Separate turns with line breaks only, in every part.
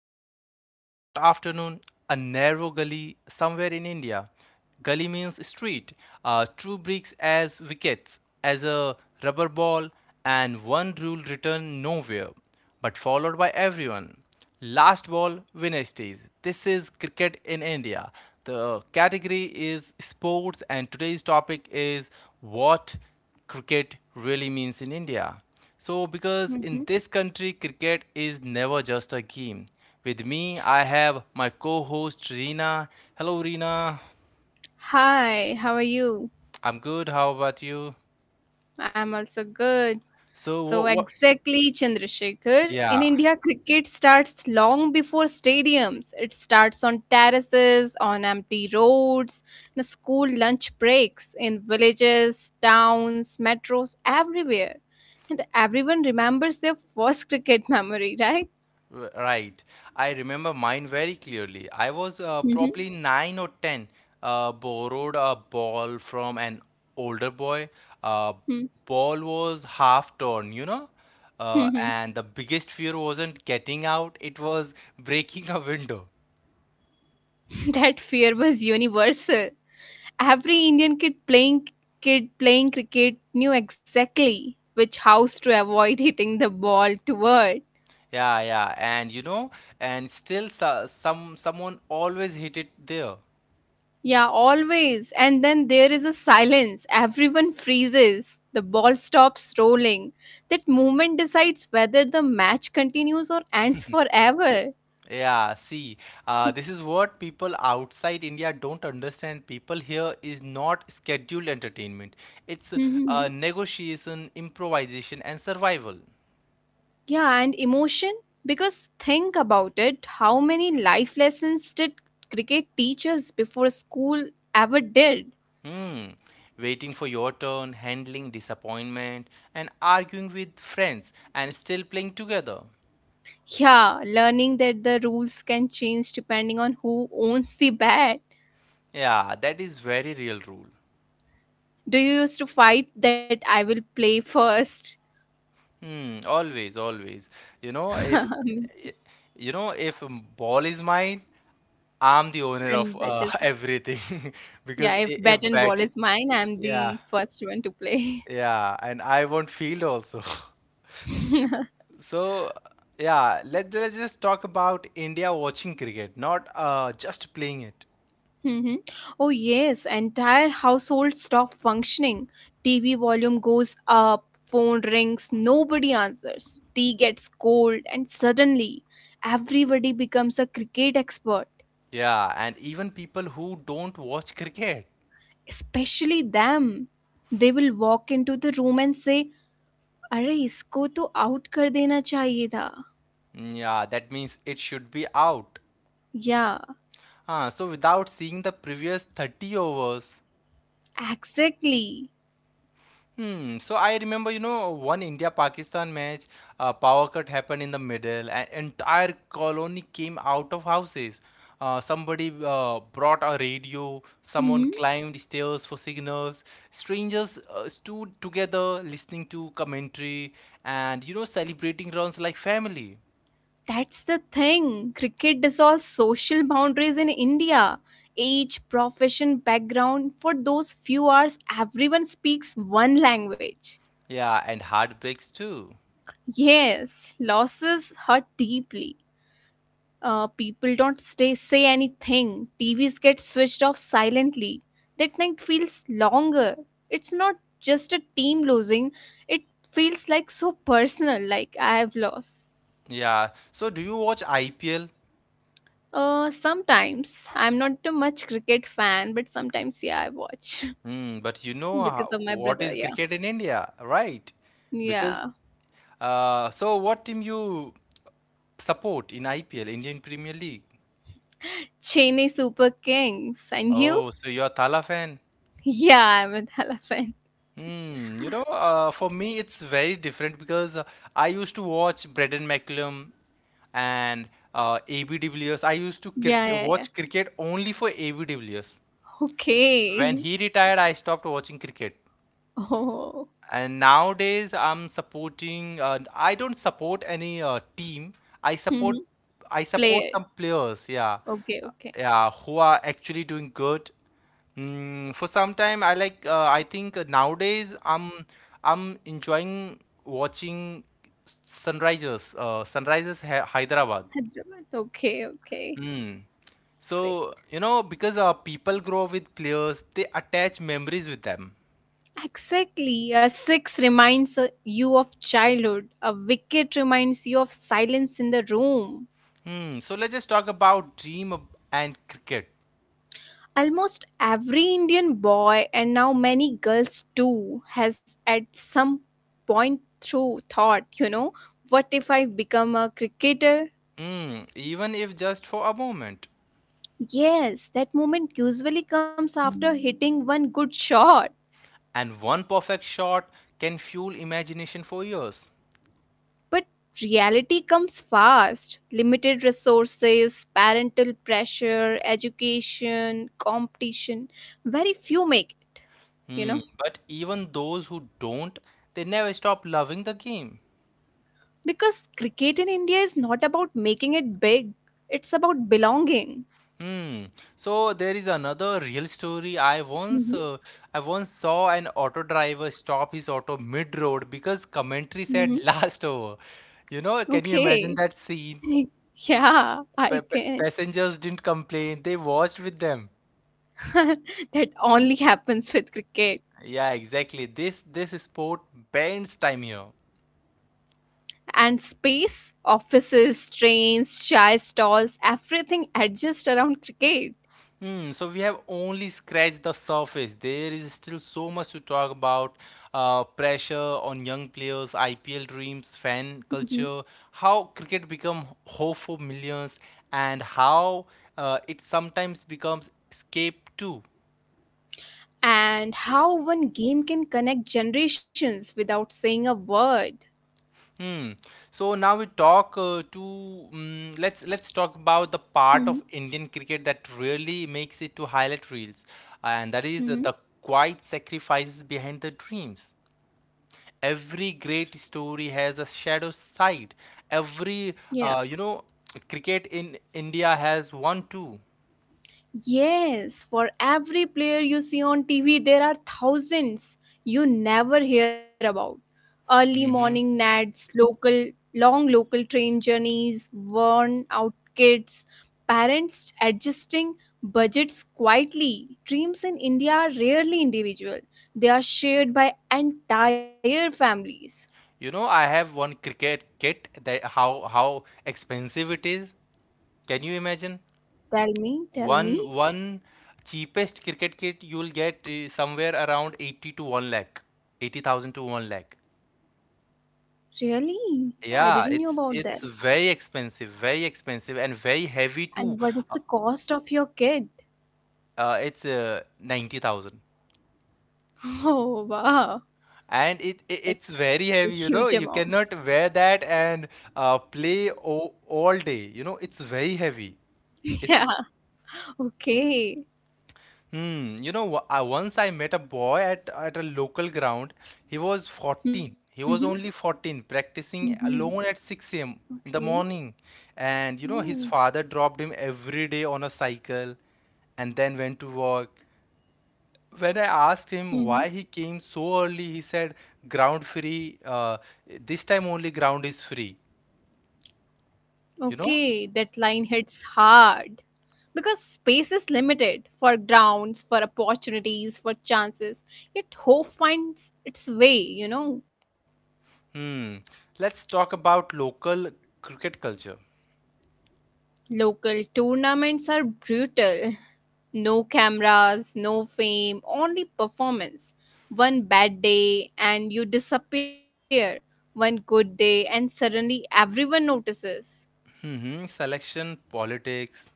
It's a hot afternoon, a narrow gully somewhere in India. Gully means street. Two bricks as wickets, as a rubber ball and one rule written nowhere but followed by everyone. Last ball Wednesdays. This is cricket in India. The category is sports, and today's topic is what cricket really means in India. So, because
Mhm.
in this country, cricket is never just a game. With me, I have my co host Reena. Hello, Reena.
Hi, how are you?
I'm good. How about you?
I'm also good.
So,
So,
what? what
exactly, Chandrasekhar. In
Yeah.
India, cricket starts long before stadiums. It starts on terraces, on empty roads, in school lunch breaks, in villages, towns, metros, everywhere. And everyone remembers their first cricket memory, right?
Right. I remember mine very clearly. I was
Mhm.
probably nine or ten. Borrowed a ball from an older boy. Uh, Ball was half torn, you know?
Mhm.
And the biggest fear wasn't getting out, it was breaking a window.
That fear was universal. Every Indian kid playing cricket knew exactly which house to avoid hitting the ball toward.
Yeah, yeah. And you know, and still so, someone always hit it there.
Yeah, always. And then there is a silence. Everyone freezes. The ball stops rolling. That moment decides whether the match continues or ends forever.
Yeah, see, this is what people outside India don't understand. People here is not scheduled entertainment. It's
Mhm.
negotiation, improvisation, and survival.
Yeah, and emotion? Because think about it, how many life lessons did cricket teach us before school ever did?
Hmm. Waiting for your turn, handling disappointment, and arguing with friends, and still playing together.
Yeah, learning that the rules can change depending on who owns the bat.
Yeah, that is very real rule.
Do you used to fight that I will play first?
Hmm, always, always. You know, if
And
eh, you know, if ball is mine, I'm the owner of
that is,
everything
yeah,
because
if bat
if
and
bat,
ball
i-
is mine, I'm
yeah,
the first one to play.
yeah, and I won't field also. So yeah, let's just talk about India watching cricket, not just playing it.
Hmm. Oh, yes, entire household stop functioning. TV volume goes up, phone rings, nobody answers. Tea gets cold, and suddenly everybody becomes a cricket expert.
Yeah, and even people who don't watch cricket.
Especially them, they will walk into the room and say, "Arey, isko to out kar dena chahiye tha."
Hmm, yeah, that means it should be out.
Yeah,
Ah, so without seeing the previous 30 overs.
exactly.
Hmm. So I remember, you know, one India-Pakistan match, a power cut happened in the middle, and entire colony came out of houses. Somebody brought a radio, someone
Hmm.
climbed stairs for signals. Strangers stood together listening to commentary and, you know, celebrating runs like family.
That's the thing. Cricket is all social boundaries in India. Age, profession, background for those few hours, everyone speaks one language.
Yeah, and heartbreaks too.
Yes, losses hurt deeply. People don't stay say anything. TVs get switched off silently. That night feels longer. It's not just a team losing. It feels like so personal. Like I have lost.
Yeah. So do you watch IPL?
Sometimes I'm not a much cricket fan, but sometimes yeah, I watch
Mm, but you know
because
how,
of my
what
brother.
is
Yeah,
cricket in India, right? Because
yeah.
so what team you support in IPL, Indian Premier League?
Chennai Super Kings and you?
Oh, so you're a Thala fan?
Yeah, I'm a Dhala fan.
Hmm, you know, for me it's very different because I used to watch Brendan McCullum and AB de Villiers. I used to
Yeah,
cric
yeah, yeah.
watch cricket only for AB de Villiers. When
Okay.
he retired, I stopped watching cricket.
Oh,
And nowadays, I'm supporting. I don't support any team. I support. I support
player.
some players. Yeah.
Okay,
Uh,
okay.
yeah, who are actually doing good. Mm, for some time, I like. I think nowadays, I'm. I'm enjoying watching Sunrisers. Sunrisers Hyderabad.
Hyderabad. Okay, okay.
Mm.
It's great.
So, you know, because people grow up with players, they attach memories with them.
Exactly. A six reminds you of childhood. A wicket reminds you of silence in the room.
Hmm. So let's just talk about dream ab- and cricket.
Almost every Indian boy, and now many girls too, has at some point through thought, you know, what if I become a cricketer?
Hmm. Even if just for a moment.
Yes, that moment usually comes after hitting one good shot.
And one perfect shot can fuel imagination for years.
But reality comes fast. Limited resources, parental pressure, education, competition. Very few make it, you
Hmm.
know?
But even those who don't, they never stop loving the game.
Because cricket in India is not about making it big, it's about belonging.
Hmm. So there is another real story.
Mm-hmm.
I once saw an auto driver stop his auto mid-road because commentary
Mm-hmm.
said last over. You know, can you imagine
Okay.
that scene?
Yeah, I can.
Passengers didn't complain; they watched with them.
That only happens with cricket.
Yeah, exactly. This sport bends time here.
And space, offices, trains, chai stalls, everything adjusts around cricket.
Hmm, so we have only scratched the surface. There is still so much to talk about. Pressure on young players, IPL dreams, fan culture, how cricket become hope for millions, and how it sometimes becomes escape too.
And how one game can connect generations without saying a word.
Hmm. So now we talk to mm let's talk about the part of
Hmm.
Indian cricket that really makes it to highlight reels, and that is
Hmm.
the quiet sacrifices behind the dreams. Every great story has a shadow side. Every
Yeah.
you know cricket in India has one too.
Yes, for every player you see on TV, there are thousands you never hear about. Early morning nads, long local train journeys, worn out kids, parents adjusting budgets quietly. Dreams in India are rarely individual, they are shared by entire families.
You know I have one cricket kit that how expensive it is. Can you imagine?
Tell me, tell me.
One cheapest cricket kit you'll get is somewhere around 80 to 1 lakh, 80,000 to 1 lakh.
Really? I
Yeah,
didn't know
it's
about that.
it's very expensive and very heavy too.
And what is
Uh,
the cost of your kid?
it's 90,000.
Oh, wow.
And it's
That's a
very
huge
heavy, you
amount.
know. You cannot wear that and play o all day. You know, it's very heavy. It's
Yeah. Okay.
hmm. You know, I met a boy at a local ground. He was 14.
Mm-hmm.
He was only 14,
Mm-hmm.
practicing alone at 6 a.m. in the
Okay.
morning. And you know, his
Oh.
father dropped him every day on a cycle and then went to work. When I asked him why
Mm-hmm.
he came so early, he said, "Ground free. Uh, this time only ground is free." You
Okay.
know?
That line hits hard. Because space is limited for grounds, for opportunities, for chances. Yet hope finds its way, you know.
Hmm. Let's talk about local cricket culture.
Local tournaments are brutal. No cameras, no fame, only performance. One bad day and you disappear. One good day and suddenly everyone notices.
Selection politics.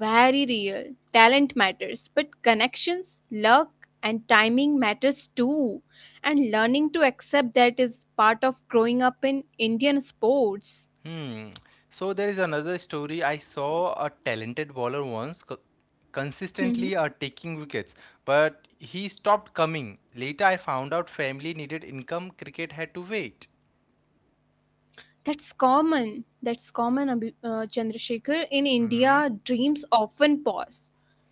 Very real. Talent matters, but connections, luck, and timing matters too. And learning to accept that is part of growing up in Indian sports.
Hmm. So there is another story. I saw a talented bowler once consistently taking wickets, but he stopped coming. Later, I found out family needed income. Cricket had to wait.
That's common. That's common, Chandrasekhar. In
Hmm.
India, dreams often pause,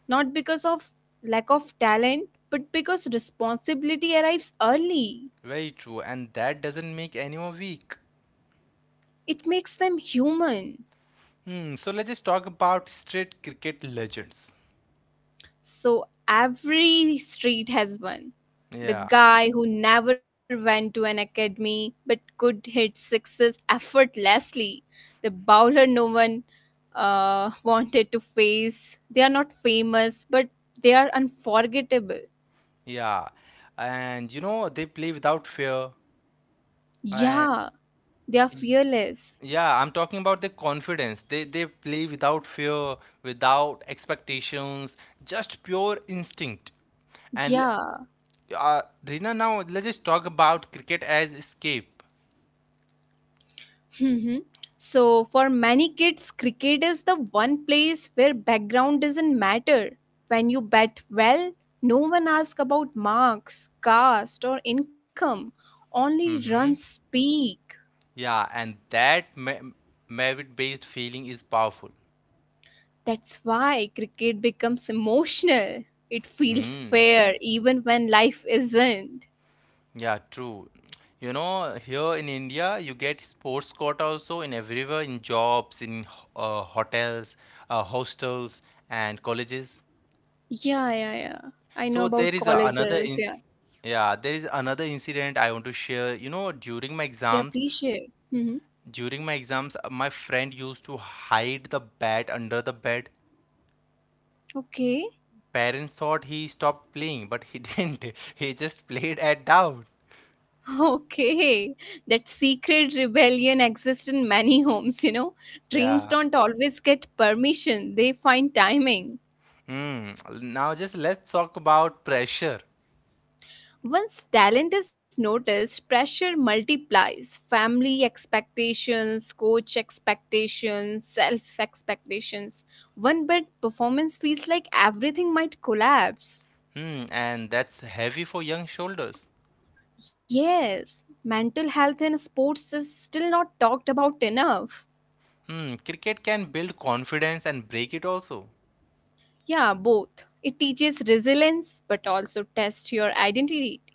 not because of lack of talent, but because responsibility arrives early.
Very true, and that doesn't make anyone weak.
It makes them human.
Hmm. So let's just talk about straight cricket legends.
So every street has one. The
Yeah,
guy who never went to an academy but could hit sixes effortlessly, the bowler no one wanted to face. They are not famous, but they are unforgettable.
yeah, and you know they play without fear, and
Yeah, they are fearless.
yeah, I'm talking about the confidence. They play without fear, without expectations, just pure instinct. And
Yeah.
Rina, now let's just talk about cricket as escape.
Mhm. So, for many kids, cricket is the one place where background doesn't matter. When you bat well, no one asks about marks, caste, or income, only runs
Hmm?
speak.
Yeah, and that merit-based feeling is powerful.
That's why cricket becomes emotional. It feels
Hmm.
fair even when life isn't.
Yeah, true. You know, here in India, you get sports court also in everywhere, in jobs, in hotels, hostels, and colleges.
Yeah, yeah, yeah. I know
So there
about
is a, another
colleges.
in,
Yeah.
yeah, there is another incident I want to share. You know,
Yeah, please share. Hmm.
during my exams, my friend used to hide the bat under the bed.
Okay.
Parents thought he stopped playing, but he didn't. He just played at doubt.
Okay, that secret rebellion exists in many homes, you know. Dreams
Yeah.
don't always get permission, they find timing.
Hmm. Now just let's talk about pressure.
Once talent is noticed, pressure multiplies. Family expectations, coach expectations, self expectations. One bad performance feels like everything might collapse.
Hmm, and that's heavy for young shoulders.
Yes, mental health in sports is still not talked about enough.
Hmm, cricket can build confidence and break it also.
Yeah, both. It teaches resilience but also tests your identity.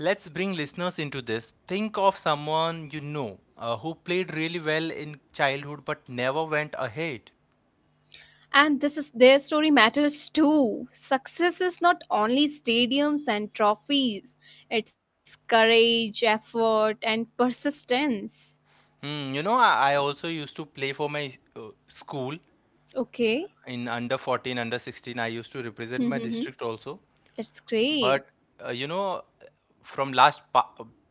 Let's bring listeners into this. Think of someone you know who played really well in childhood but never went ahead.
And this is their story matters too. Success is not only stadiums and trophies, it's courage, effort, and persistence.
Hmm, you know, I also used to play for my school in
Okay.
under 14, under 16. I used to represent my district
Mm-hmm.
also.
That's
But,
great.
you know, from last pa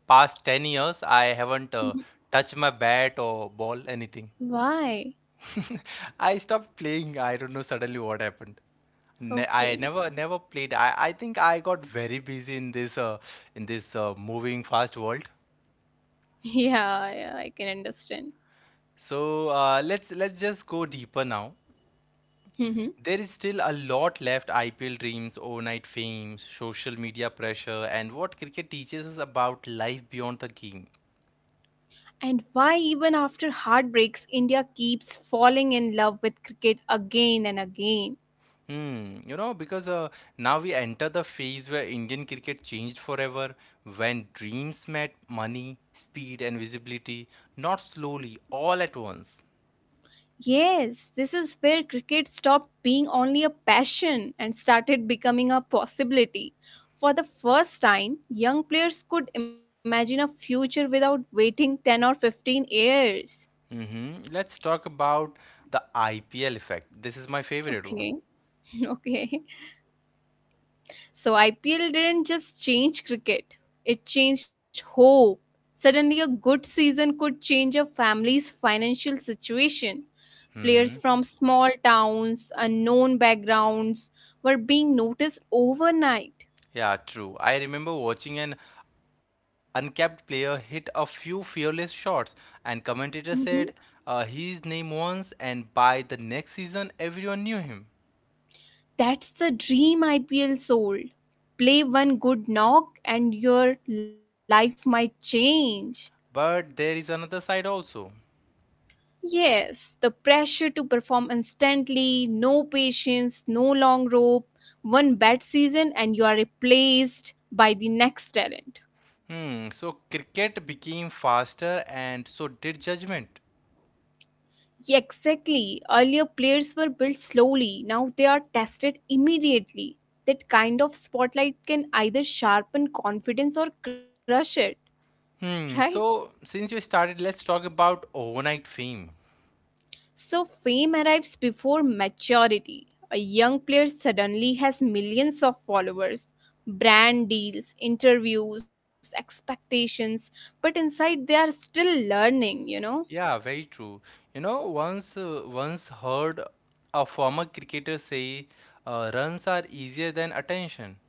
past 10 years, I haven't
Mhm.
touched my bat or ball, anything.
Why?
I stopped playing. I don't know suddenly what happened. Ne I never
Okay.
never played. I think I got very busy in this moving fast world.
Yeah, yeah, I can understand.
So let's just go deeper now.
Hmm.
There is still a lot left. IPL dreams, overnight fame, social media pressure, and what cricket teaches us about life beyond the game.
And why, even after heartbreaks, India keeps falling in love with cricket again and again.
Hmm, you know, because now we enter the phase where Indian cricket changed forever, when dreams met money, speed, and visibility, not slowly, all at once.
Yes, this is where cricket stopped being only a passion and started becoming a possibility. For the first time, young players could imagine a future without waiting 10 or 15 years.
Hmm. Let's talk about the IPL effect. This is my favorite one.
Okay. Okay. So IPL didn't just change cricket, it changed hope. Suddenly, a good season could change a family's financial situation. Players from small towns, unknown backgrounds were being noticed overnight.
Yeah, true. I remember watching an uncapped player hit a few fearless shots, and commentator
Mhm.
said his name once, and by the next season, everyone knew him.
That's the dream IPL sold. Play one good knock and your life might change.
But there is another side also.
Yes, the pressure to perform instantly, no patience, no long rope, one bad season and you are replaced by the next talent.
Hmm, so cricket became faster and so did judgment.
Yeah, exactly. Earlier players were built slowly, now they are tested immediately. That kind of spotlight can either sharpen confidence or crush it, right?
Hmm, so since you started, let's talk about overnight fame.
So, fame arrives before maturity. A young player suddenly has millions of followers, brand deals, interviews, expectations, but inside they are still learning, you know?
Yeah, very true. You know, once heard a former cricketer say, runs are easier than attention.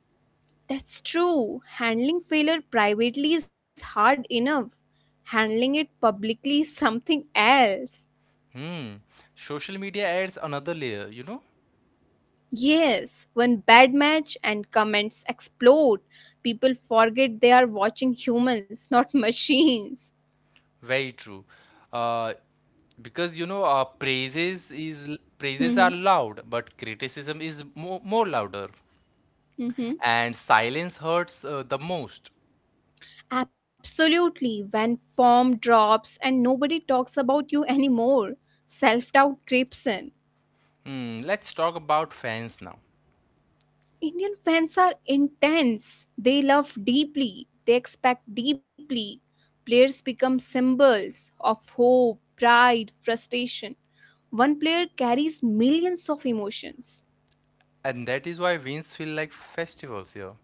That's true. Handling failure privately is hard enough. Handling it publicly is something else.
Hmm, social media adds another layer, you know?
Yes, one bad match and comments explode. People forget they are watching humans, not machines.
Very true. Uh, because you know, praises are
Hmm.
loud, but criticism is more louder.
Hmm.
And silence hurts the most.
Absolutely, when form drops and nobody talks about you anymore, self doubt creeps in.
Hmm, let's talk about fans now.
Indian fans are intense, they love deeply, they expect deeply. Players become symbols of hope, pride, frustration. One player carries millions of emotions,
And that is why wins feel like festivals here.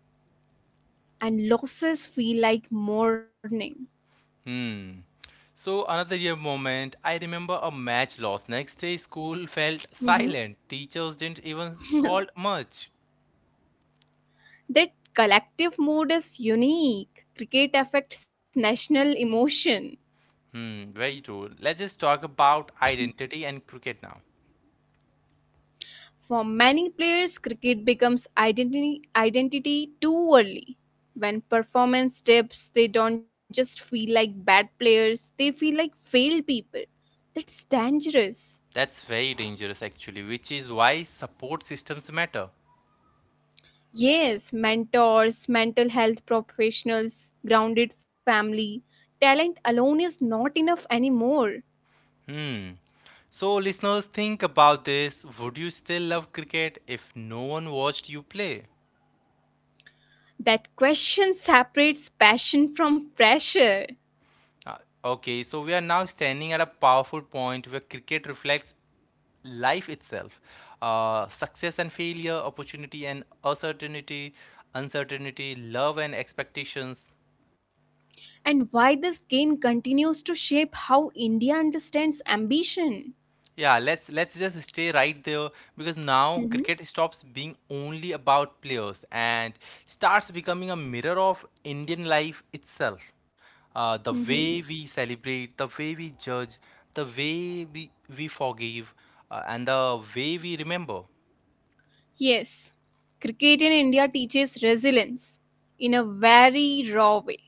and losses feel like mourning.
Hmm. So, another year moment, I remember a match loss. Next day, school felt
Mhm.
silent. Teachers didn't even scold much.
That collective mood is unique. Cricket affects national emotion.
Hmm, very true. Let's just talk about identity and cricket now.
For many players, cricket becomes identity, identity too early. When performance dips, they don't just feel like bad players, they feel like failed people. That's dangerous.
That's very dangerous, actually, which is why support systems matter.
Yes, mentors, mental health professionals, grounded family, talent alone is not enough anymore.
So, listeners, think about this. Would you still love cricket if no one watched you play?
That question separates passion from pressure,
Uh, okay, so we are now standing at a powerful point where cricket reflects life itself. Success and failure, opportunity and uncertainty, uncertainty, love and expectations.
and why this game continues to shape how India understands ambition.
Yeah, let's just stay right there because now
Mm-hmm.
cricket stops being only about players and starts becoming a mirror of Indian life itself. The
Mhm.
way we celebrate, the way we judge, the way we forgive, and the way we remember.
Yes, cricket in India teaches resilience in a very raw way.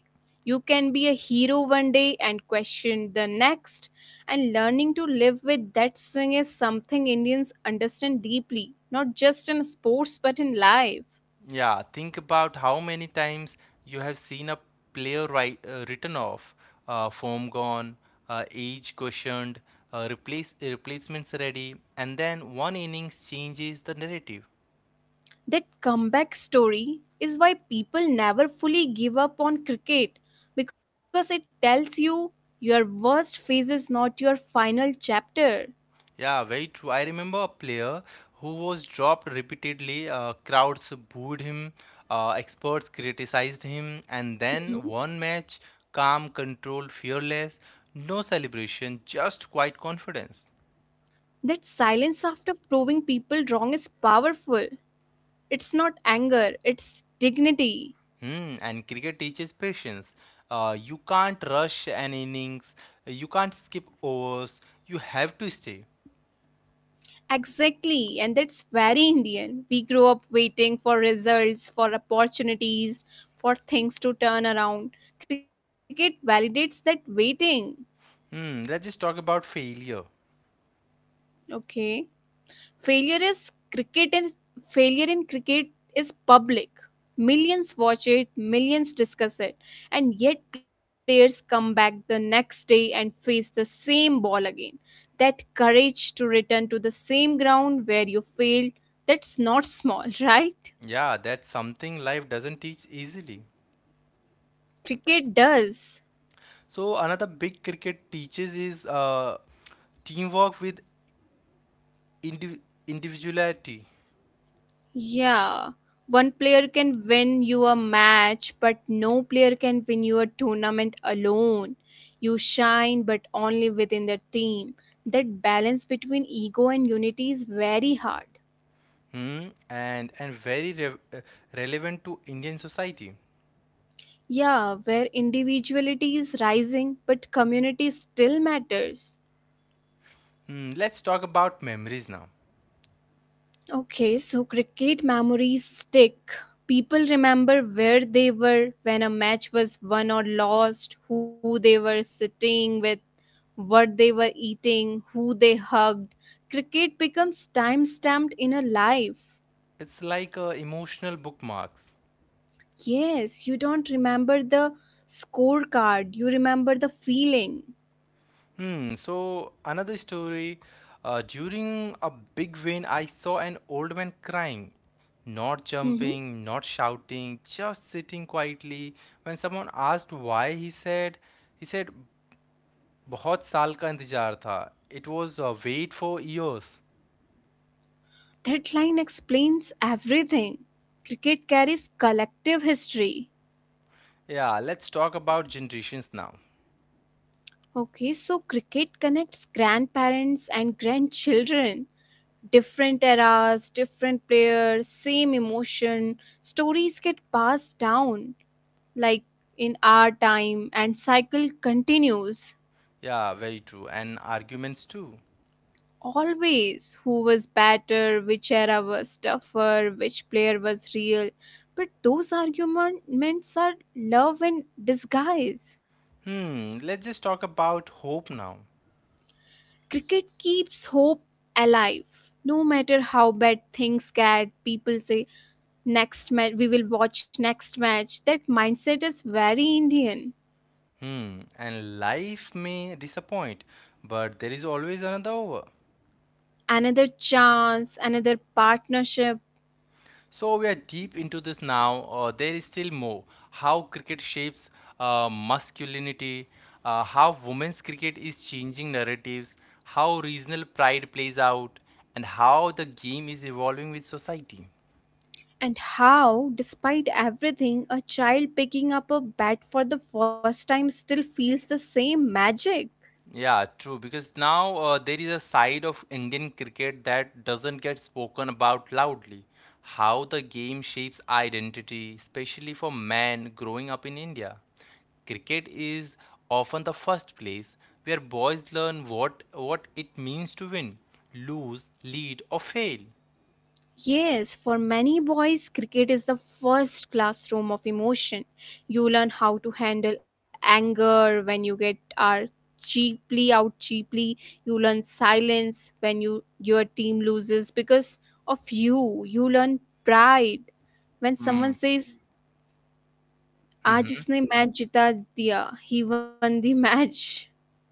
You can be a hero one day and questioned the next, and learning to live with that swing is something Indians understand deeply, not just in sports but in life.
Yeah, think about how many times you have seen a written off, form gone, age questioned, replacements ready, and then one innings changes the narrative.
That comeback story is why people never fully give up on cricket because it tells you your worst phase is not your final chapter.
Yeah, very true. I remember a player who was dropped repeatedly. Crowds booed him, experts criticized him, and then one match, calm, controlled, fearless, no celebration, just quiet confidence.
That silence after proving people wrong is powerful. It's not anger, it's dignity.
Hmm, and cricket teaches patience. You can't rush an innings. You can't skip overs. You have to stay.
Exactly, and that's very Indian. We grow up waiting for results, for opportunities, for things to turn around. Cricket validates that waiting.
Hmm, let's just talk about failure.
Okay. Failure is cricket and failure in cricket is public. Millions watch it, millions discuss it, and yet players come back the next day and face the same ball again. That courage to return to the same ground where you failed, that's not small, right?
Yeah, that's something life doesn't teach easily.
Cricket does.
So another big cricket teaches is teamwork with indiv individuality.
Yeah, one player can win you a match, but no player can win you a tournament alone. You shine, but only within the team. That balance between ego and unity is very hard.
And very rev relevant to Indian society.
Yeah, where individuality is rising, but community still matters.
Hmm, let's talk about memories now.
Okay, so cricket memories stick. People remember where they were when a match was won or lost, who they were sitting with, what they were eating, who they hugged. Cricket becomes time stamped in a life.
It's like emotional bookmarks.
Yes, you don't remember the scorecard, you remember the feeling.
Hmm. So another story. During a big rain, I saw an old man crying, not
Mhm.
jumping, not shouting, just sitting quietly. When someone asked why, he said, बहुत साल का इंतजार था. It was a wait for years.
That line explains everything. Cricket carries collective history.
Yeah, let's talk about generations now.
Okay, so cricket connects grandparents and grandchildren. Different eras, different players, same emotion. Stories get passed down, like in our time, and cycle continues.
Yeah, very true. And arguments too.
Always, who was better, which era was tougher, which player was real. But those arguments are love in disguise.
Hmm, let's just talk about hope now.
Cricket keeps hope alive. No matter how bad things get, people say, next match, we will watch next match. That mindset is very Indian.
Hmm, and life may disappoint, but there is always another over.
Another chance, another partnership.
So we are deep into this now. There is still more. How cricket shapes masculinity, how women's cricket is changing narratives, how regional pride plays out, and how the game is evolving with society.
And how, despite everything, a child picking up a bat for the first time still feels the same magic.
Yeah, true. Because now there is a side of Indian cricket that doesn't get spoken about loudly. How the game shapes identity, especially for men growing up in India. Cricket is often the first place where boys learn what it means to win, lose, lead, or fail.
Yes, for many boys, cricket is the first classroom of emotion. You learn how to handle anger when you get are cheaply out cheaply. You learn silence when your team loses because of you. You learn pride when someone says, "आज इसने match जिता दिया," he won the match.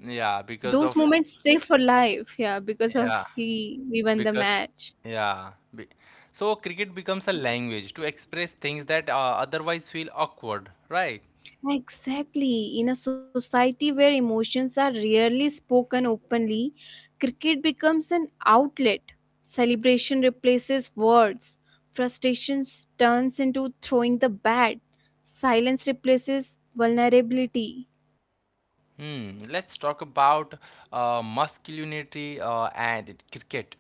Yeah,
Those
because of
moments stay for life, yeah, because of
yeah,
he we won the
because
match.
yeah. be- So cricket becomes a language to express things that otherwise feel awkward, right?
Exactly. In a society where emotions are rarely spoken openly, cricket becomes an outlet. Celebration replaces words. Frustration turns into throwing the bat. Silence replaces vulnerability.
Hmm, let's talk about masculinity and cricket.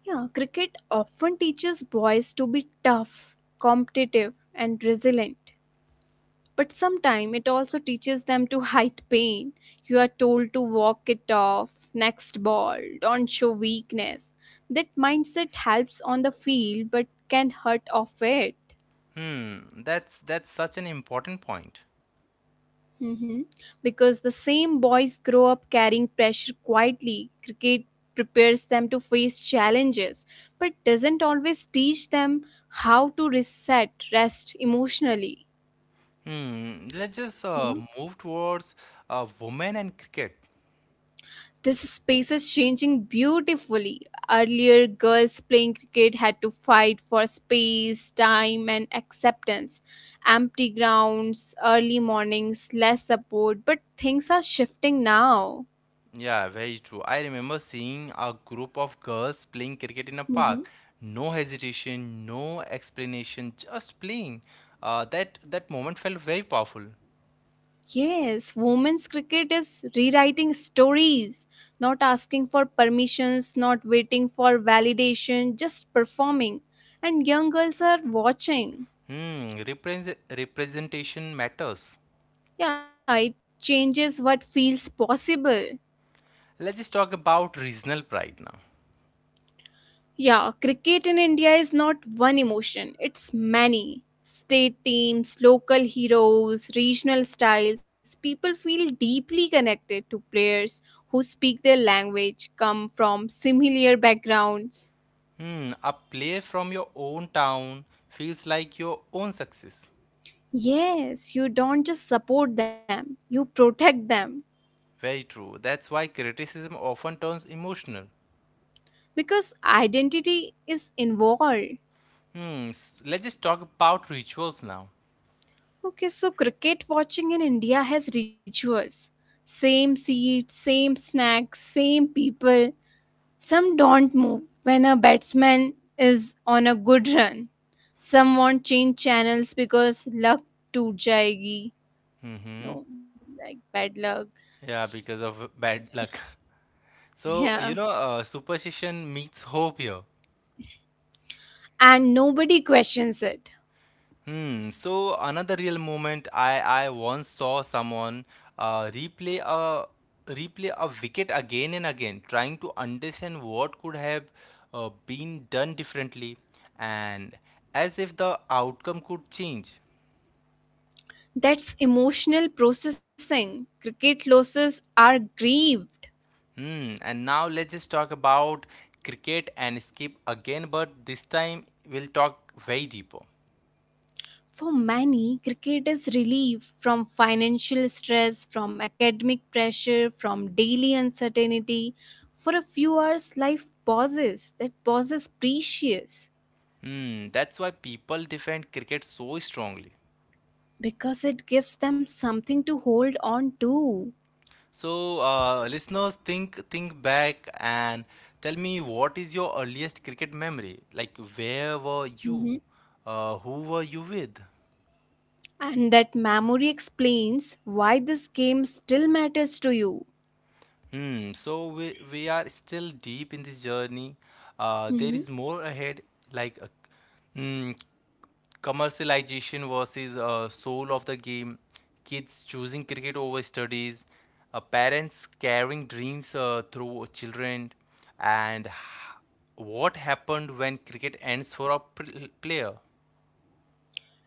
Yeah, cricket often teaches boys to be tough, competitive, and resilient. But sometimes it also teaches them to hide pain. You are told to walk it off, next ball, don't show weakness. That mindset helps on the field but can hurt off it.
That's such an important point.
Mhm. Because the same boys grow up carrying pressure quietly. Cricket prepares them to face challenges but doesn't always teach them how to reset, rest emotionally.
Hmm, let's just
You know?
move towards women and cricket.
This space is changing beautifully. Earlier, girls playing cricket had to fight for space, time, and acceptance. Empty grounds, early mornings, less support, but things are shifting now.
Yeah, very true. I remember seeing a group of girls playing cricket in a
Hmm.
park. No hesitation, no explanation, just playing. That moment felt very powerful.
Yes, women's cricket is rewriting stories, not asking for permissions, not waiting for validation, just performing. And young girls are watching.
Hmm, represent Representation matters.
Yeah, it changes what feels possible.
Let's just talk about regional pride now.
Yeah, cricket in India is not one emotion, it's many. State teams, local heroes, regional styles, people feel deeply connected to players who speak their language, come from similar backgrounds.
Hmm, a play from your own town feels like your own success.
Yes, you don't just support them, you protect them
Very true. That's why criticism often turns emotional.
because identity is involved.
Let's just talk about rituals now.
Okay, so cricket watching in India has rituals, same seat, same snacks, same people. Some don't move when a batsman is on a good run. Some won't change channels because luck to jayegi. No, like bad luck.
Yeah, because
S-
of bad luck. So, you
Yeah.
know, superstition meets hope here.
And nobody questions it.
Hmm. So another real moment. I once saw someone uh, replay a replay a wicket again and again, trying to understand what could have been done differently, and as if the outcome could change.
That's emotional processing. Cricket losses are grieved.
Hmm. And now let's just talk about cricket and skip again, but this time we'll talk way deeper.
For many, cricket is relief from financial stress, from academic pressure, from daily uncertainty. For a few hours, life pauses. That pause is precious
Hmm. That's why people defend cricket so strongly.
because it gives them something to hold on to.
So, listeners, think back and tell me, what is your earliest cricket memory? Like, where were you?
Mhm.
Who were you with?
And that memory explains why this game still matters to you.
Hmm, so we are still deep in this journey. There
Mhm.
is more ahead, like mm, commercialization versus soul of the game, kids choosing cricket over studies, parents carrying dreams through children, and what happened when cricket ends for a player?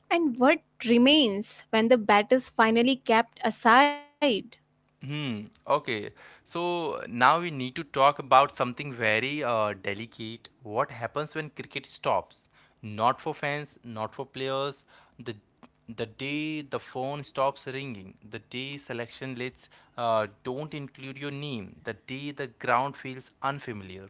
And what remains when the bat is finally kept aside.
Hmm. Okay. So now we need to talk about something very delicate. What happens when cricket stops? Not for fans, not for players. The the day the phone stops ringing, the day selection lists don't include your name, the day the ground feels unfamiliar.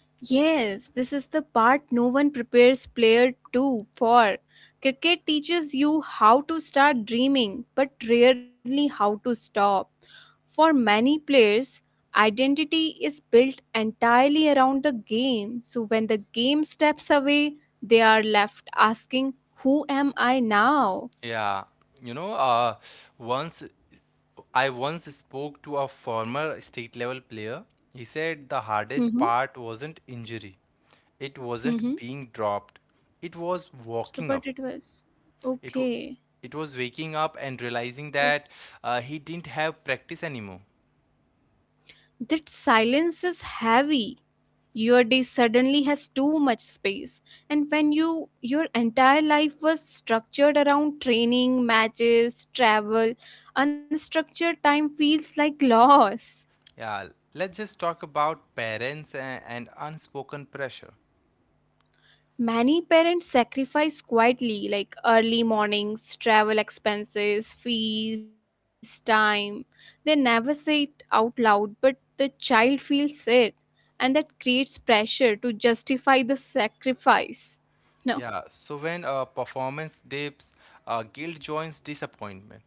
Yes, this is the part no one prepares player two for. Cricket teaches you how to start dreaming, but rarely how to stop. For many players, identity is built entirely around the game. So when the game steps away, they are left asking, who am I now?
Yeah, you know, once I once spoke to a former state level player. He said the hardest
Mm-hmm.
part wasn't injury, it wasn't
Mm-hmm.
being dropped, it was walking
So
up.
what it was.
It w
Okay.
it was waking up and realizing that
Okay.
he didn't have practice anymore.
That silence is heavy. Your day suddenly has too much space. And when your entire life was structured around training, matches, travel, unstructured time feels like loss.
Yeah, let's just talk about parents and unspoken pressure.
Many parents sacrifice quietly, like early mornings, travel expenses, fees, time. They never say it out loud, but the child feels it, and that creates pressure to justify the sacrifice. No,
Yeah, so when performance dips, guilt joins disappointment.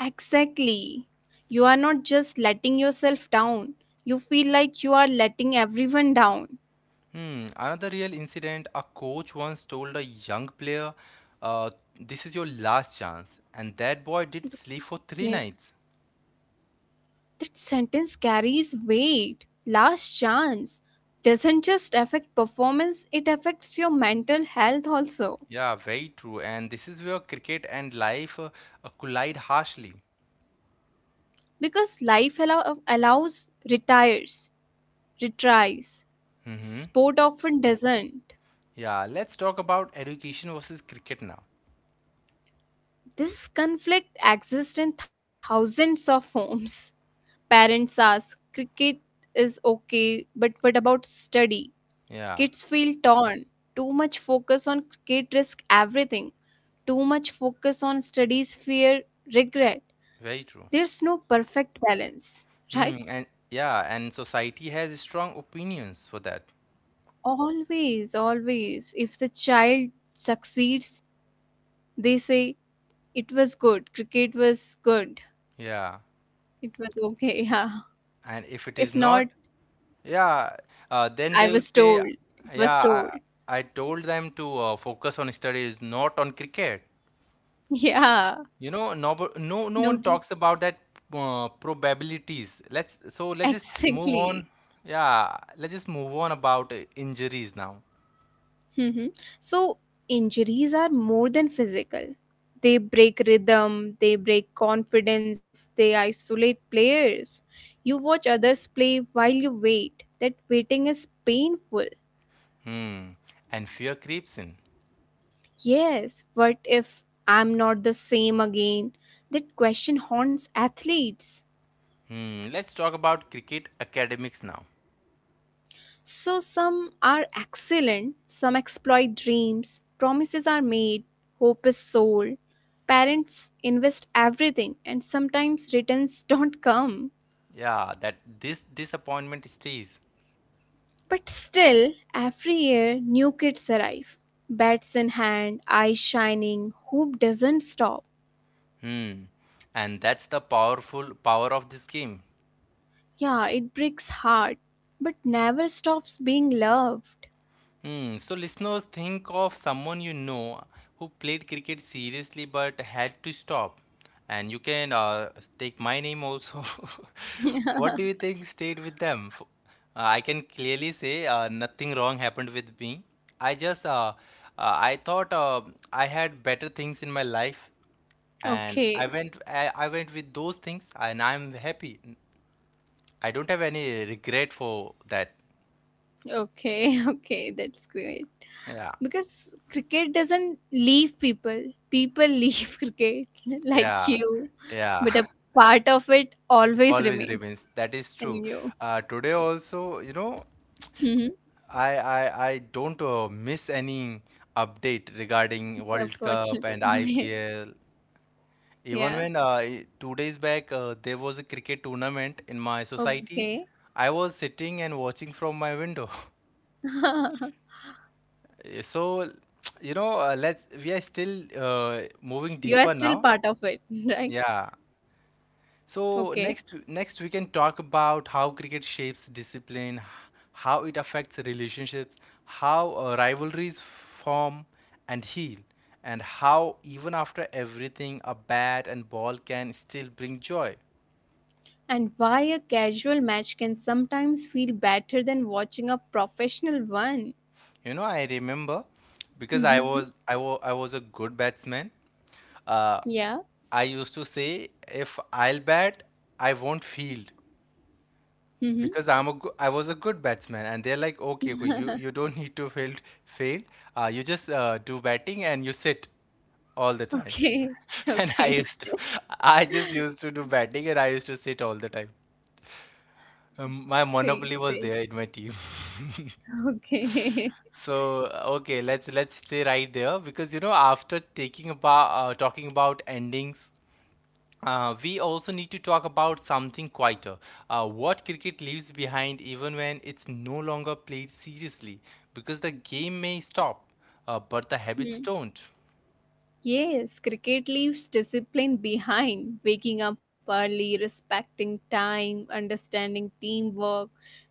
exactly. You are not just letting yourself down, you feel like you are letting everyone down.
Hmm, another real incident. A coach once told a young player, uh, this is your last chance. And that boy did sleep for three nights.
That sentence carries weight. Last chance doesn't just affect performance, it affects your mental health also.
Yeah, very true. And this is where cricket and life collide harshly.
Because life allows retires, retries. Sport often doesn't.
Yeah, let's talk about education versus cricket now.
This conflict exists in thousands of homes. Parents ask, cricket is okay, but what about study?
Yeah,
Kids feel torn. Too much focus on kid risk everything. Too much focus on studies fear
v-
regret.
Very true.
There's no perfect balance,
Hmm,
right?
and yeah, and society has strong opinions for that.
Always, always. If the child succeeds, they say it was good. Cricket was good.
Yeah.
It was okay. Yeah.
And if it is
If not,
not, yeah, then
I
they will
was
say,
told. It was
yeah,
told.
I, I told them to focus on studies, not on cricket.
Yeah.
You know, no one
No,
talks
d-
about that probabilities. Let's just move on.
exactly.
Yeah, let's just move on about injuries now.
Hmm. So, injuries are more than physical. They break rhythm, they break confidence, they isolate players. You watch others play while you wait. That waiting is painful.
Hmm, and fear creeps in.
Yes, what if I'm not the same again? That question haunts athletes.
Hmm, let's talk about cricket academics now.
So some are excellent, some exploit dreams, promises are made, hope is sold, parents invest everything, and sometimes returns don't come.
Yeah, that this disappointment stays,
But still, every year new kids arrive. Bats in hand, eyes shining, hope doesn't stop.
and that's the powerful power of this game.
Yeah, it breaks heart, but never stops being loved.
Hmm. So, listeners, think of someone you know who played cricket seriously but had to stop. And you can take my name also. What do you think stayed with them? I can clearly say nothing wrong happened with me. I just, uh, I thought I had better things in my life, and
Okay,
I went with those things, and I'm happy. I don't have any regret for that.
okay, okay, that's great.
Yeah,
Because cricket doesn't leave people. People leave cricket like
yeah,
you,
yeah.
but a part of it always
Always
remains
remains. That is true.
in you.
Today also, you know,
Hmm.
I don't miss any update regarding
Yeah,
World Cup
fortunately.
and
Okay.
IPL. Even
Yeah.
when 2 days back there was a cricket tournament in my society,
Okay.
I was sitting and watching from my window. Eh, so, you know, let's we are still moving
You are
deeper
still
now.
part of it, right?
Yeah. So
Okay.
next we can talk about how cricket shapes discipline, how it affects relationships, how rivalries form and heal, and how even after everything a bat and ball can still bring joy.
And why a casual match can sometimes feel better than watching a professional one.
You know, I remember, because I
Mm-hmm.
was I was I was a good batsman. Uh,
Yeah.
I used to say if I'll bat, I won't field.
Mm-hmm.
Because I was a good batsman, and they're like, okay, okay, you don't need to field. You just do batting and you sit all the time.
Okay.
And I
Okay.
used to, I just used to do batting and I used to sit all the time. My
Great.
monopoly was
Great.
there in my team.
Okay.
So okay, let's stay right there, because you know, after taking about talking about endings, we also need to talk about something quieter. What cricket leaves behind even when it's no longer played seriously, because the game may stop, but the habits don't.
Yes, cricket leaves discipline behind. Waking up early, respecting time, understanding teamwork,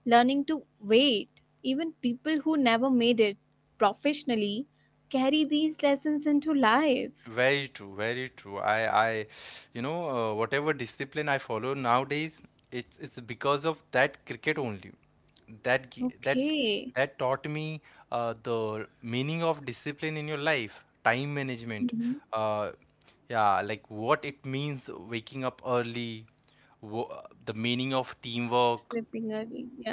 learning to wait. Even people who never made it professionally carry these lessons into life.
Very true, very true. I, you know, whatever discipline I follow nowadays, it's because of that cricket only. That gi- that
Okay.
That taught me the meaning of discipline in your life, time management.
Hmm.
Uh, yeah, like what it means waking up early, wo the meaning of teamwork.
Sleeping early. Yeah.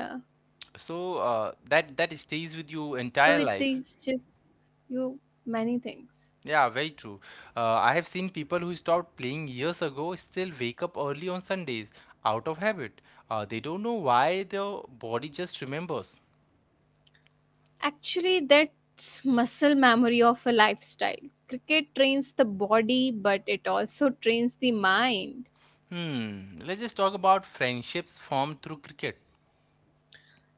So that that stays with you
So
entire
it
life.
teaches you many things.
Yeah, very true. I have seen people who stopped playing years ago still wake up early on Sundays out of habit. They don't know why. Their body just remembers.
Actually, that's muscle memory of a lifestyle. Cricket trains the body, but it also trains the mind.
Hmm. Let's just talk about friendships formed through cricket.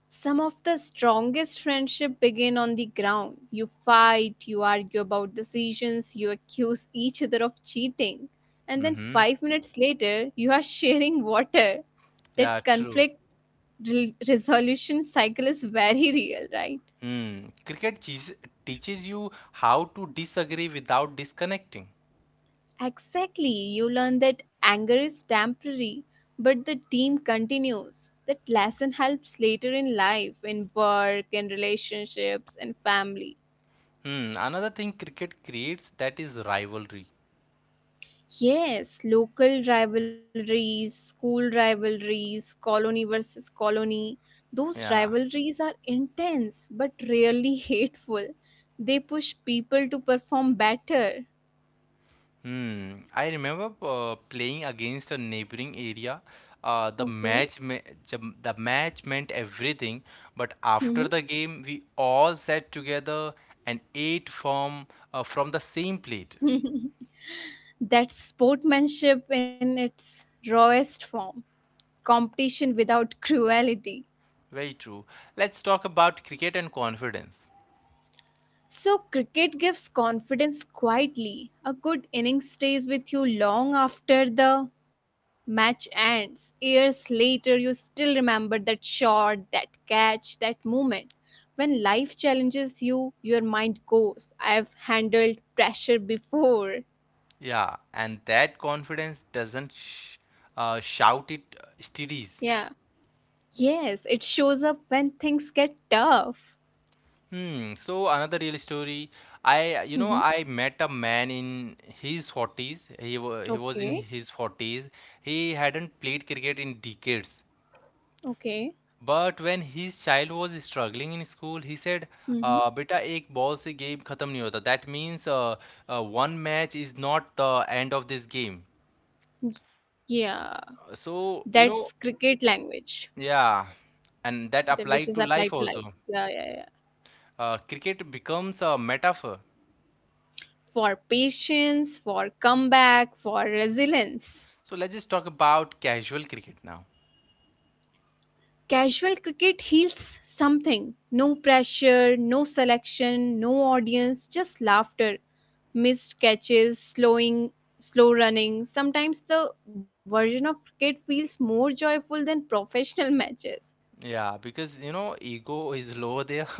Some of the strongest friendship begin on the ground. You fight, you argue about decisions, you accuse each other of cheating, and then
Mm-hmm.
5 minutes later, you are sharing water.
Yeah,
That
true.
conflict resolution cycle is very real, right?
Hmm. Cricket teaches you how to disagree without disconnecting.
Exactly, you learn that anger is temporary, but the team continues. That lesson helps later in life, in work, in relationships, and family.
Hmm. Another thing cricket creates, that is rivalry.
Yes, local rivalries, school rivalries, colony versus colony. Those
Yeah.
rivalries are intense but rarely hateful. They push people to perform better.
Hmm. I remember playing against a neighboring area.
Okay.
The match meant everything, but
Mhm.
after the game, we all sat together and ate from the same plate.
That's sportsmanship in its rawest form. Competition without cruelty.
Very true. Let's talk about cricket and confidence.
So, cricket gives confidence quietly. A good innings stays with you long after the match ends. Years later, you still remember that shot, that catch, that moment. When life challenges you, your mind goes, I've handled pressure before.
Yeah, and that confidence doesn't sh shout, it steadies.
Yeah. Yes, it shows up when things get tough.
Hmm. So another real story.
Hmm.
I met a man in his 40s. He was in his
Okay.
40s. He hadn't played cricket in decades.
Okay.
But when his child was struggling in school, he said,
Hmm.
"बेटा एक ball से game खत्म नहीं होता. That means one match is not the end of this game."
Yeah.
So you know,
That's cricket language,
yeah, and that
the-
applied
which
to
is
life
applied to
also.
life. Yeah, yeah, yeah.
Cricket becomes a metaphor.
For patience, for comeback, for resilience.
So let's just talk about casual cricket now.
Casual cricket heals something. No pressure, no selection, no audience, just laughter. Missed catches, slowing, slow running. Sometimes the version of cricket feels more joyful than professional matches.
Yeah, because you know, ego is low there.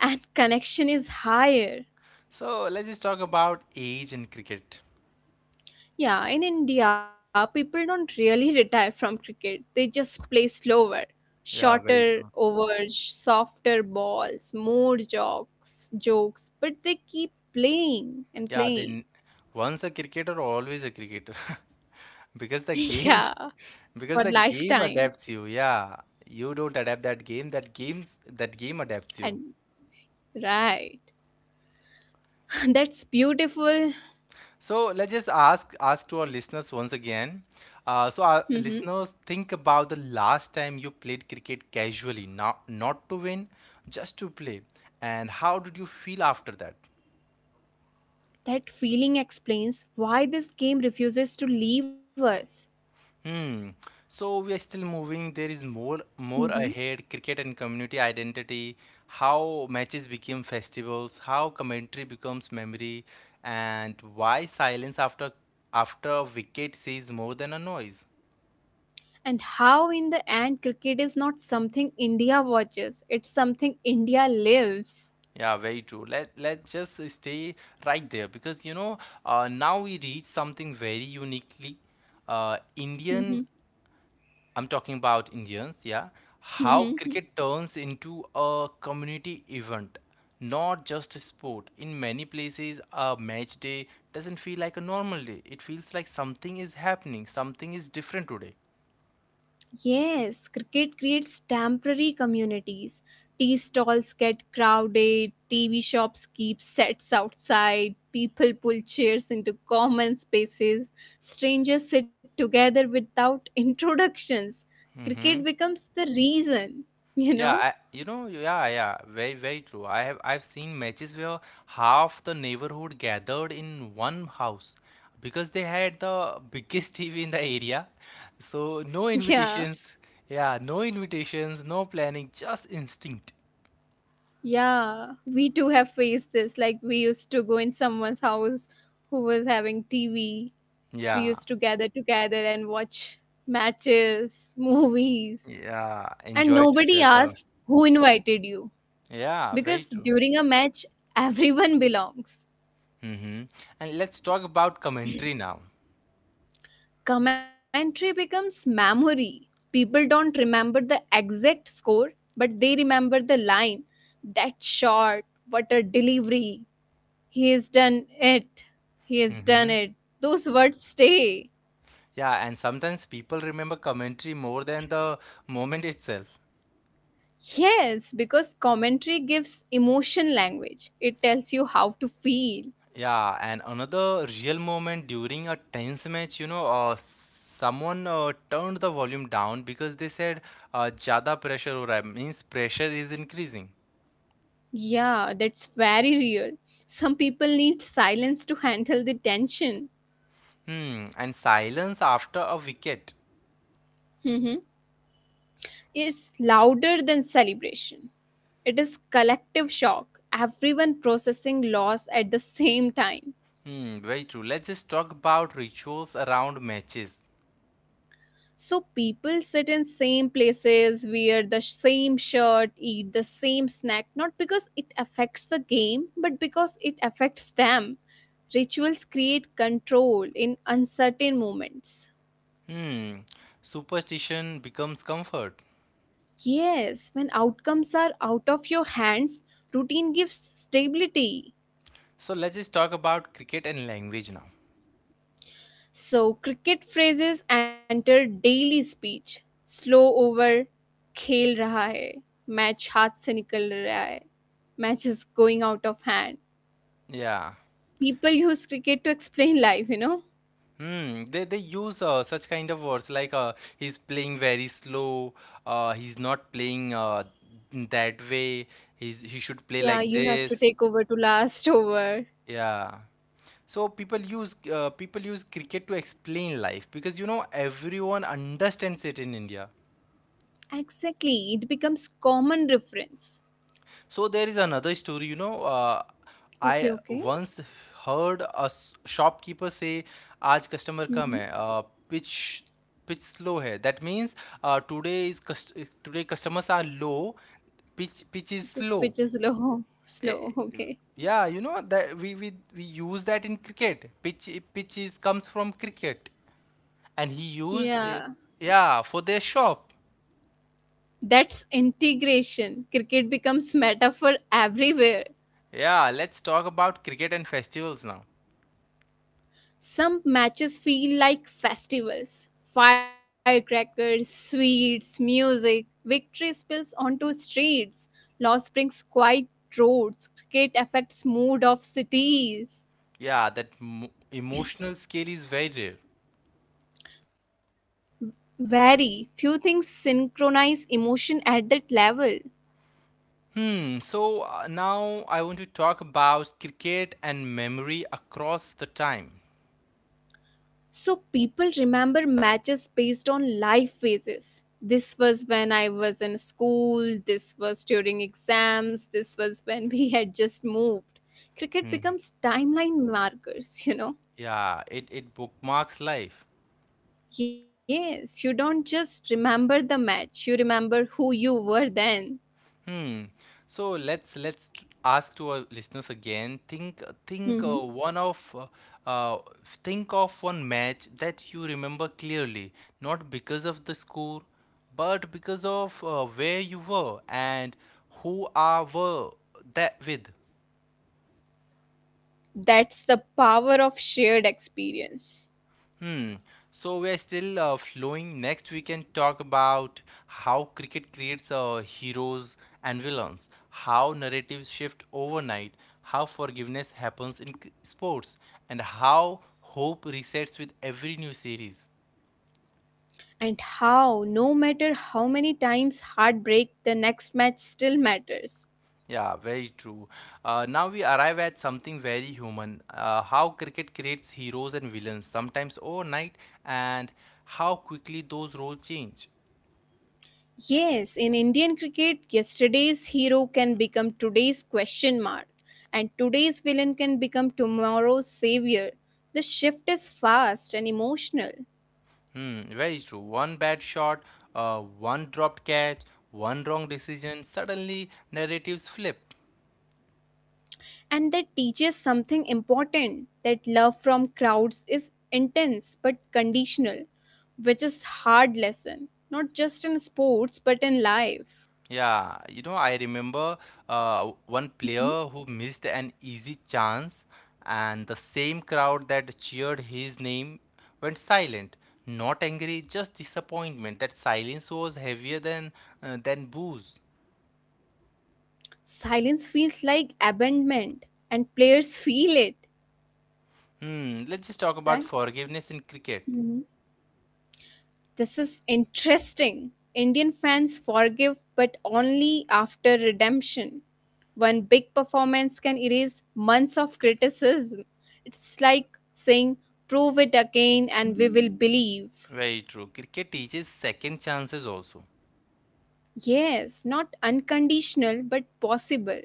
And connection is higher.
So let's just talk about age in cricket.
Yeah, in India, people don't really retire from cricket. They just play slower,
Yeah, very
shorter
true.
overs, softer balls, more jokes, but they keep playing
Yeah,
and
then
playing.
once a cricketer, always a cricketer. Because the game,
Yeah,
because
for
the game
lifetime.
adapts you. Yeah, you don't adapt that game, that game adapts you.
And right. That's beautiful.
So let's just ask to our listeners once again. So our
Hmm.
listeners, think about the last time you played cricket casually, not to win, just to play, and how did you feel after that?
That feeling explains why this game refuses to leave us.
Hmm. So we are still moving. There is more
Hmm.
ahead. Cricket and community identity, how matches became festivals, how commentary becomes memory, and why silence after a wicket says more than a noise.
And how, in the end, cricket is not something India watches, it's something India lives.
Yeah, very true. Let let's just stay right there, because you know, now we reach something very uniquely Indian.
Mhm.
I'm talking about Indians. Yeah, how
Mhm.
cricket turns into a community event, not just a sport. In many places, a match day doesn't feel like a normal day. It feels like something is happening, something is different today.
Yes, cricket creates temporary communities. Tea stalls get crowded, TV shops keep sets outside, people pull chairs into common spaces, strangers sit together without introductions. Cricket becomes the reason, you
Yeah,
know?
I, you know, yeah, yeah, very, very true. I've seen matches where half the neighborhood gathered in one house because they had the biggest TV in the area. So no
Yeah.
invitations, yeah, no invitations, no planning, just instinct.
Yeah, we too have faced this. Like we used to go in someone's house who was having TV. We
Yeah,
used to gather together and watch matches, movies,
yeah,
and
enjoy
nobody
together.
asked who invited you
Yeah, very
because
true.
during a match, everyone belongs.
Mm-hmm. And let's talk about commentary now.
Commentary becomes memory. People don't remember the exact score, but they remember the line. That shot, what a delivery, he has done it. He has done
Mm-hmm.
it. Those words stay.
Yeah, and sometimes people remember commentary more than the moment itself.
Yes, because commentary gives emotion language. It tells you how to feel.
Yeah, and another real moment during a tense match, you know, someone turned the volume down because they said jada pressure ho रहा है means pressure is increasing.
Yeah, that's very real. Some people need silence to handle the tension.
Hmm, and silence after a wicket.
Mhm. It's louder than celebration. It is collective shock, everyone processing loss at the same time.
Hmm, very true. Let's just talk about rituals around matches.
So people sit in same places, wear the same shirt, eat the same snack, not because it affects the game, but because it affects them. Rituals create control in uncertain moments.
Hmm, superstition becomes comfort.
Yes, when outcomes are out of your hands, routine gives stability.
So let's just talk about cricket and language now.
So cricket phrases enter daily speech. Slow over, खेल रहा है, match हाथ से निकल रहा है, match is going out of hand,
Yeah.
people use cricket to explain life, you know?
Hmm, they use such kind of words like he's playing very slow, he's not playing that way, he should play
Yeah,
like
you have to
this.
take over to last over.
Yeah. So people use cricket to explain life because you know everyone understands it in India.
Exactly. It becomes common reference.
So there is another story, you know. I
Okay, okay.
once heard a shopkeeper say, "आज customer कम
Mm-hmm.
है, pitch pitch slow है." That means uh, today is cust today customers are low, pitch is
Because
slow.
pitch is low, slow. Okay.
Yeah, you know that we use that in cricket. Pitch is comes from cricket, and he used
Yeah.
yeah for their shop.
That's integration. Cricket becomes metaphor everywhere.
Yeah, let's talk about cricket and festivals now.
Some matches feel like festivals, firecrackers, sweets, music. Victory spills onto streets. Loss brings quiet roads. Cricket affects mood of cities.
Yeah, that mo emotional scale is very rare.
Very few things synchronize emotion at that level.
Hmm. So now I want to talk about cricket and memory across the time.
So people remember matches based on life phases. This was when I was in school, this was during exams, this was when we had just moved. Cricket becomes timeline markers, you know.
Yeah, it bookmarks life.
Yes, you don't just remember the match, you remember who you were then.
Hmm. So ask to our listeners again. Think
Mhm.
one of uh, think of one match that you remember clearly, not because of the score, but because of where you were and who are were that with.
That's the power of shared experience.
So we are still flowing. Next, we can talk about how cricket creates heroes and villains, how narratives shift overnight, how forgiveness happens in sports, and how hope resets with every new series.
And how, no matter how many times heartbreak, the next match still matters.
Yeah, very true. Now we arrive at something very human how cricket creates heroes and villains, sometimes overnight, and how quickly those roles change.
Yes, in Indian cricket, yesterday's hero can become today's question mark, and today's villain can become tomorrow's savior. The shift is fast and emotional,
Hmm, very true. One bad shot, one dropped catch, one wrong decision, suddenly narratives flip.
and that teaches something important, that love from crowds is intense but conditional, which is hard lesson, not just in sports but in life.
Yeah, you know, I remember one
Mhm.
player who missed an easy chance, and the same crowd that cheered his name went silent. Not angry, just disappointment. That silence was heavier than booze.
Silence feels like abandonment, and players feel it,
Hmm, let's just talk about forgiveness in cricket.
right? This is interesting. Indian fans forgive, but only after redemption. One big performance can erase months of criticism. It's like saying, prove it again and we will believe.
Very true. Cricket teaches second chances also.
Yes, not unconditional, but possible.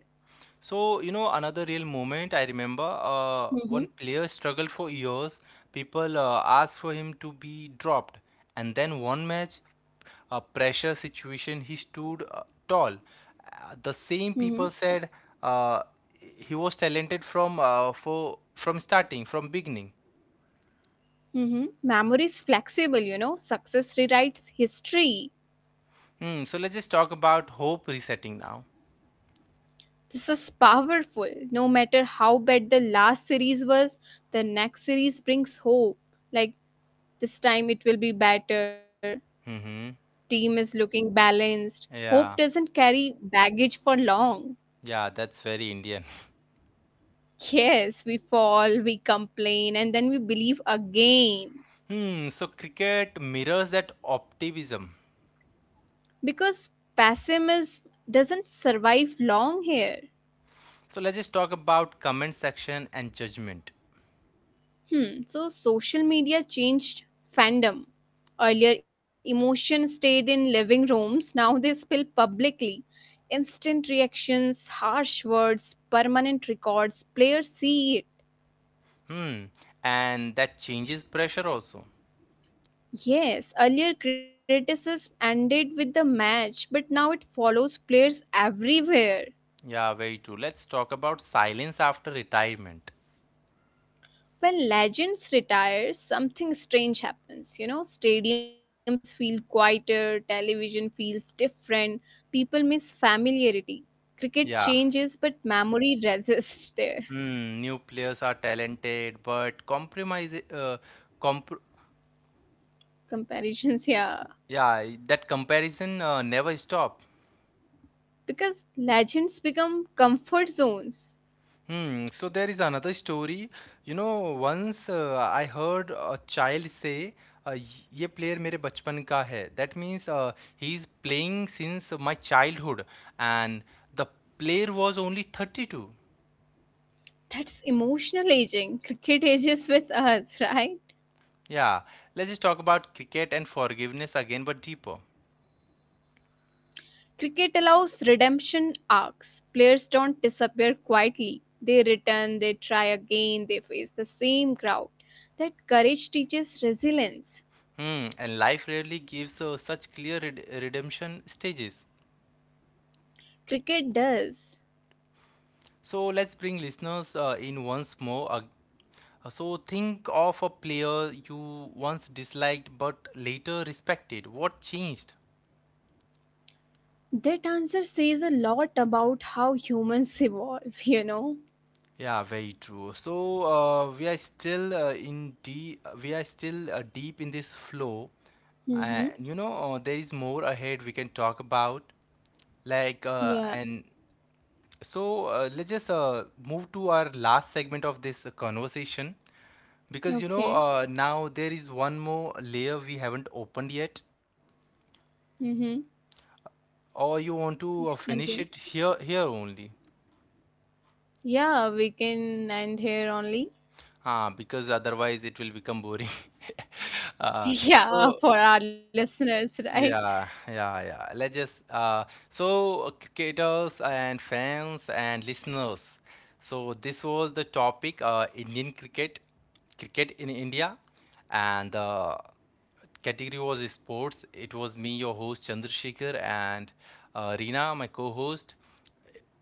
So, you know, another real moment I remember
Mm-hmm.
one player struggled for years. People asked for him to be dropped. And then one match, a pressure situation, he stood tall. The same
Mm-hmm.
people said uh, he was talented from starting, from beginning.
Mm-hmm. Memory is flexible, you know. Success rewrites history.
Hmm, so let's just talk about hope resetting now.
This is powerful. No matter how bad the last series was, the next series brings hope. Like, this time it will be better.
Mm-hmm.
Team is looking balanced. Hope
Yeah.
doesn't carry baggage for long.
Yeah, that's very Indian.
Yes, we fall, we complain, and then we believe again.
Hmm, so cricket mirrors that optimism.
Because pessimism doesn't survive long here.
So let's just talk about comment section and judgment.
Hmm, so social media changed fandom. Earlier, emotions stayed in living rooms, now they spill publicly. Instant reactions, harsh words, permanent records, players see it.
Hmm. And that changes pressure also.
Yes, earlier criticism ended with the match, but now it follows players everywhere.
Yeah, very true. Let's talk about silence after retirement.
When legends retire, something strange happens. You know, stadiums feel quieter, television feels different, people miss familiarity. Cricket
Yeah.
changes, but memory resists their
Hmm. New players are talented, but compromise. Comp.
comparisons. Yeah,
Yeah, that comparison never stop.
because legends become comfort zones.
Hmm. So there is another story. You know, once I heard a child say, uh, "ये player मेरे बचपन का है." That means he is playing since my childhood, and the player was only 32.
That's emotional aging. Cricket ages with us, right?
Yeah. Let's just talk about cricket and forgiveness again, but deeper.
Cricket allows redemption arcs. Players don't disappear quietly. They return, they try again, they face the same crowd. That courage teaches resilience.
Hmm. And life rarely gives such clear redemption stages.
Cricket does.
So let's bring listeners in once more. So think of a player you once disliked but later respected. What changed?
That answer says a lot about how humans evolve, you know?
Yeah, very true. So we are still in deep. We are still deep in this flow, and
Mm-hmm.
you know there is more ahead we can talk about. Like
Yeah.
and so let's just move to our last segment of this conversation. Because you know,
Okay.
now there is one more layer we haven't opened yet,
Mm-hmm.
or you want to
Please
finish
continue.
it here only.
Yeah, we can end here only.
Ah, because otherwise it will become boring. uh,
Yeah,
so
for our listeners, right?
Yeah, yeah, yeah. Let's just so Cricketers and fans and listeners. So this was the topic, Indian cricket, cricket in India, and the category was sports. It was me, your host Chandrasekhar, and Reena, my co-host.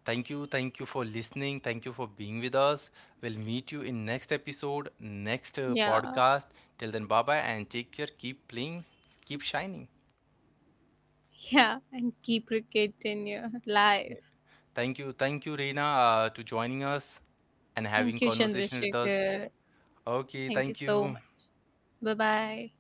Thank you for listening. Thank you for being with us. We'll meet you in next episode, next
Yeah.
podcast. Till then, bye bye, and take care. Keep playing, keep shining.
Yeah. And keep cricket in your life.
Thank you. Thank you, Reena, to joining us and having
Thank you,
conversation with us.
Chandrasekhar.
Okay,
Thank you
thank
so
you.
much. Bye bye.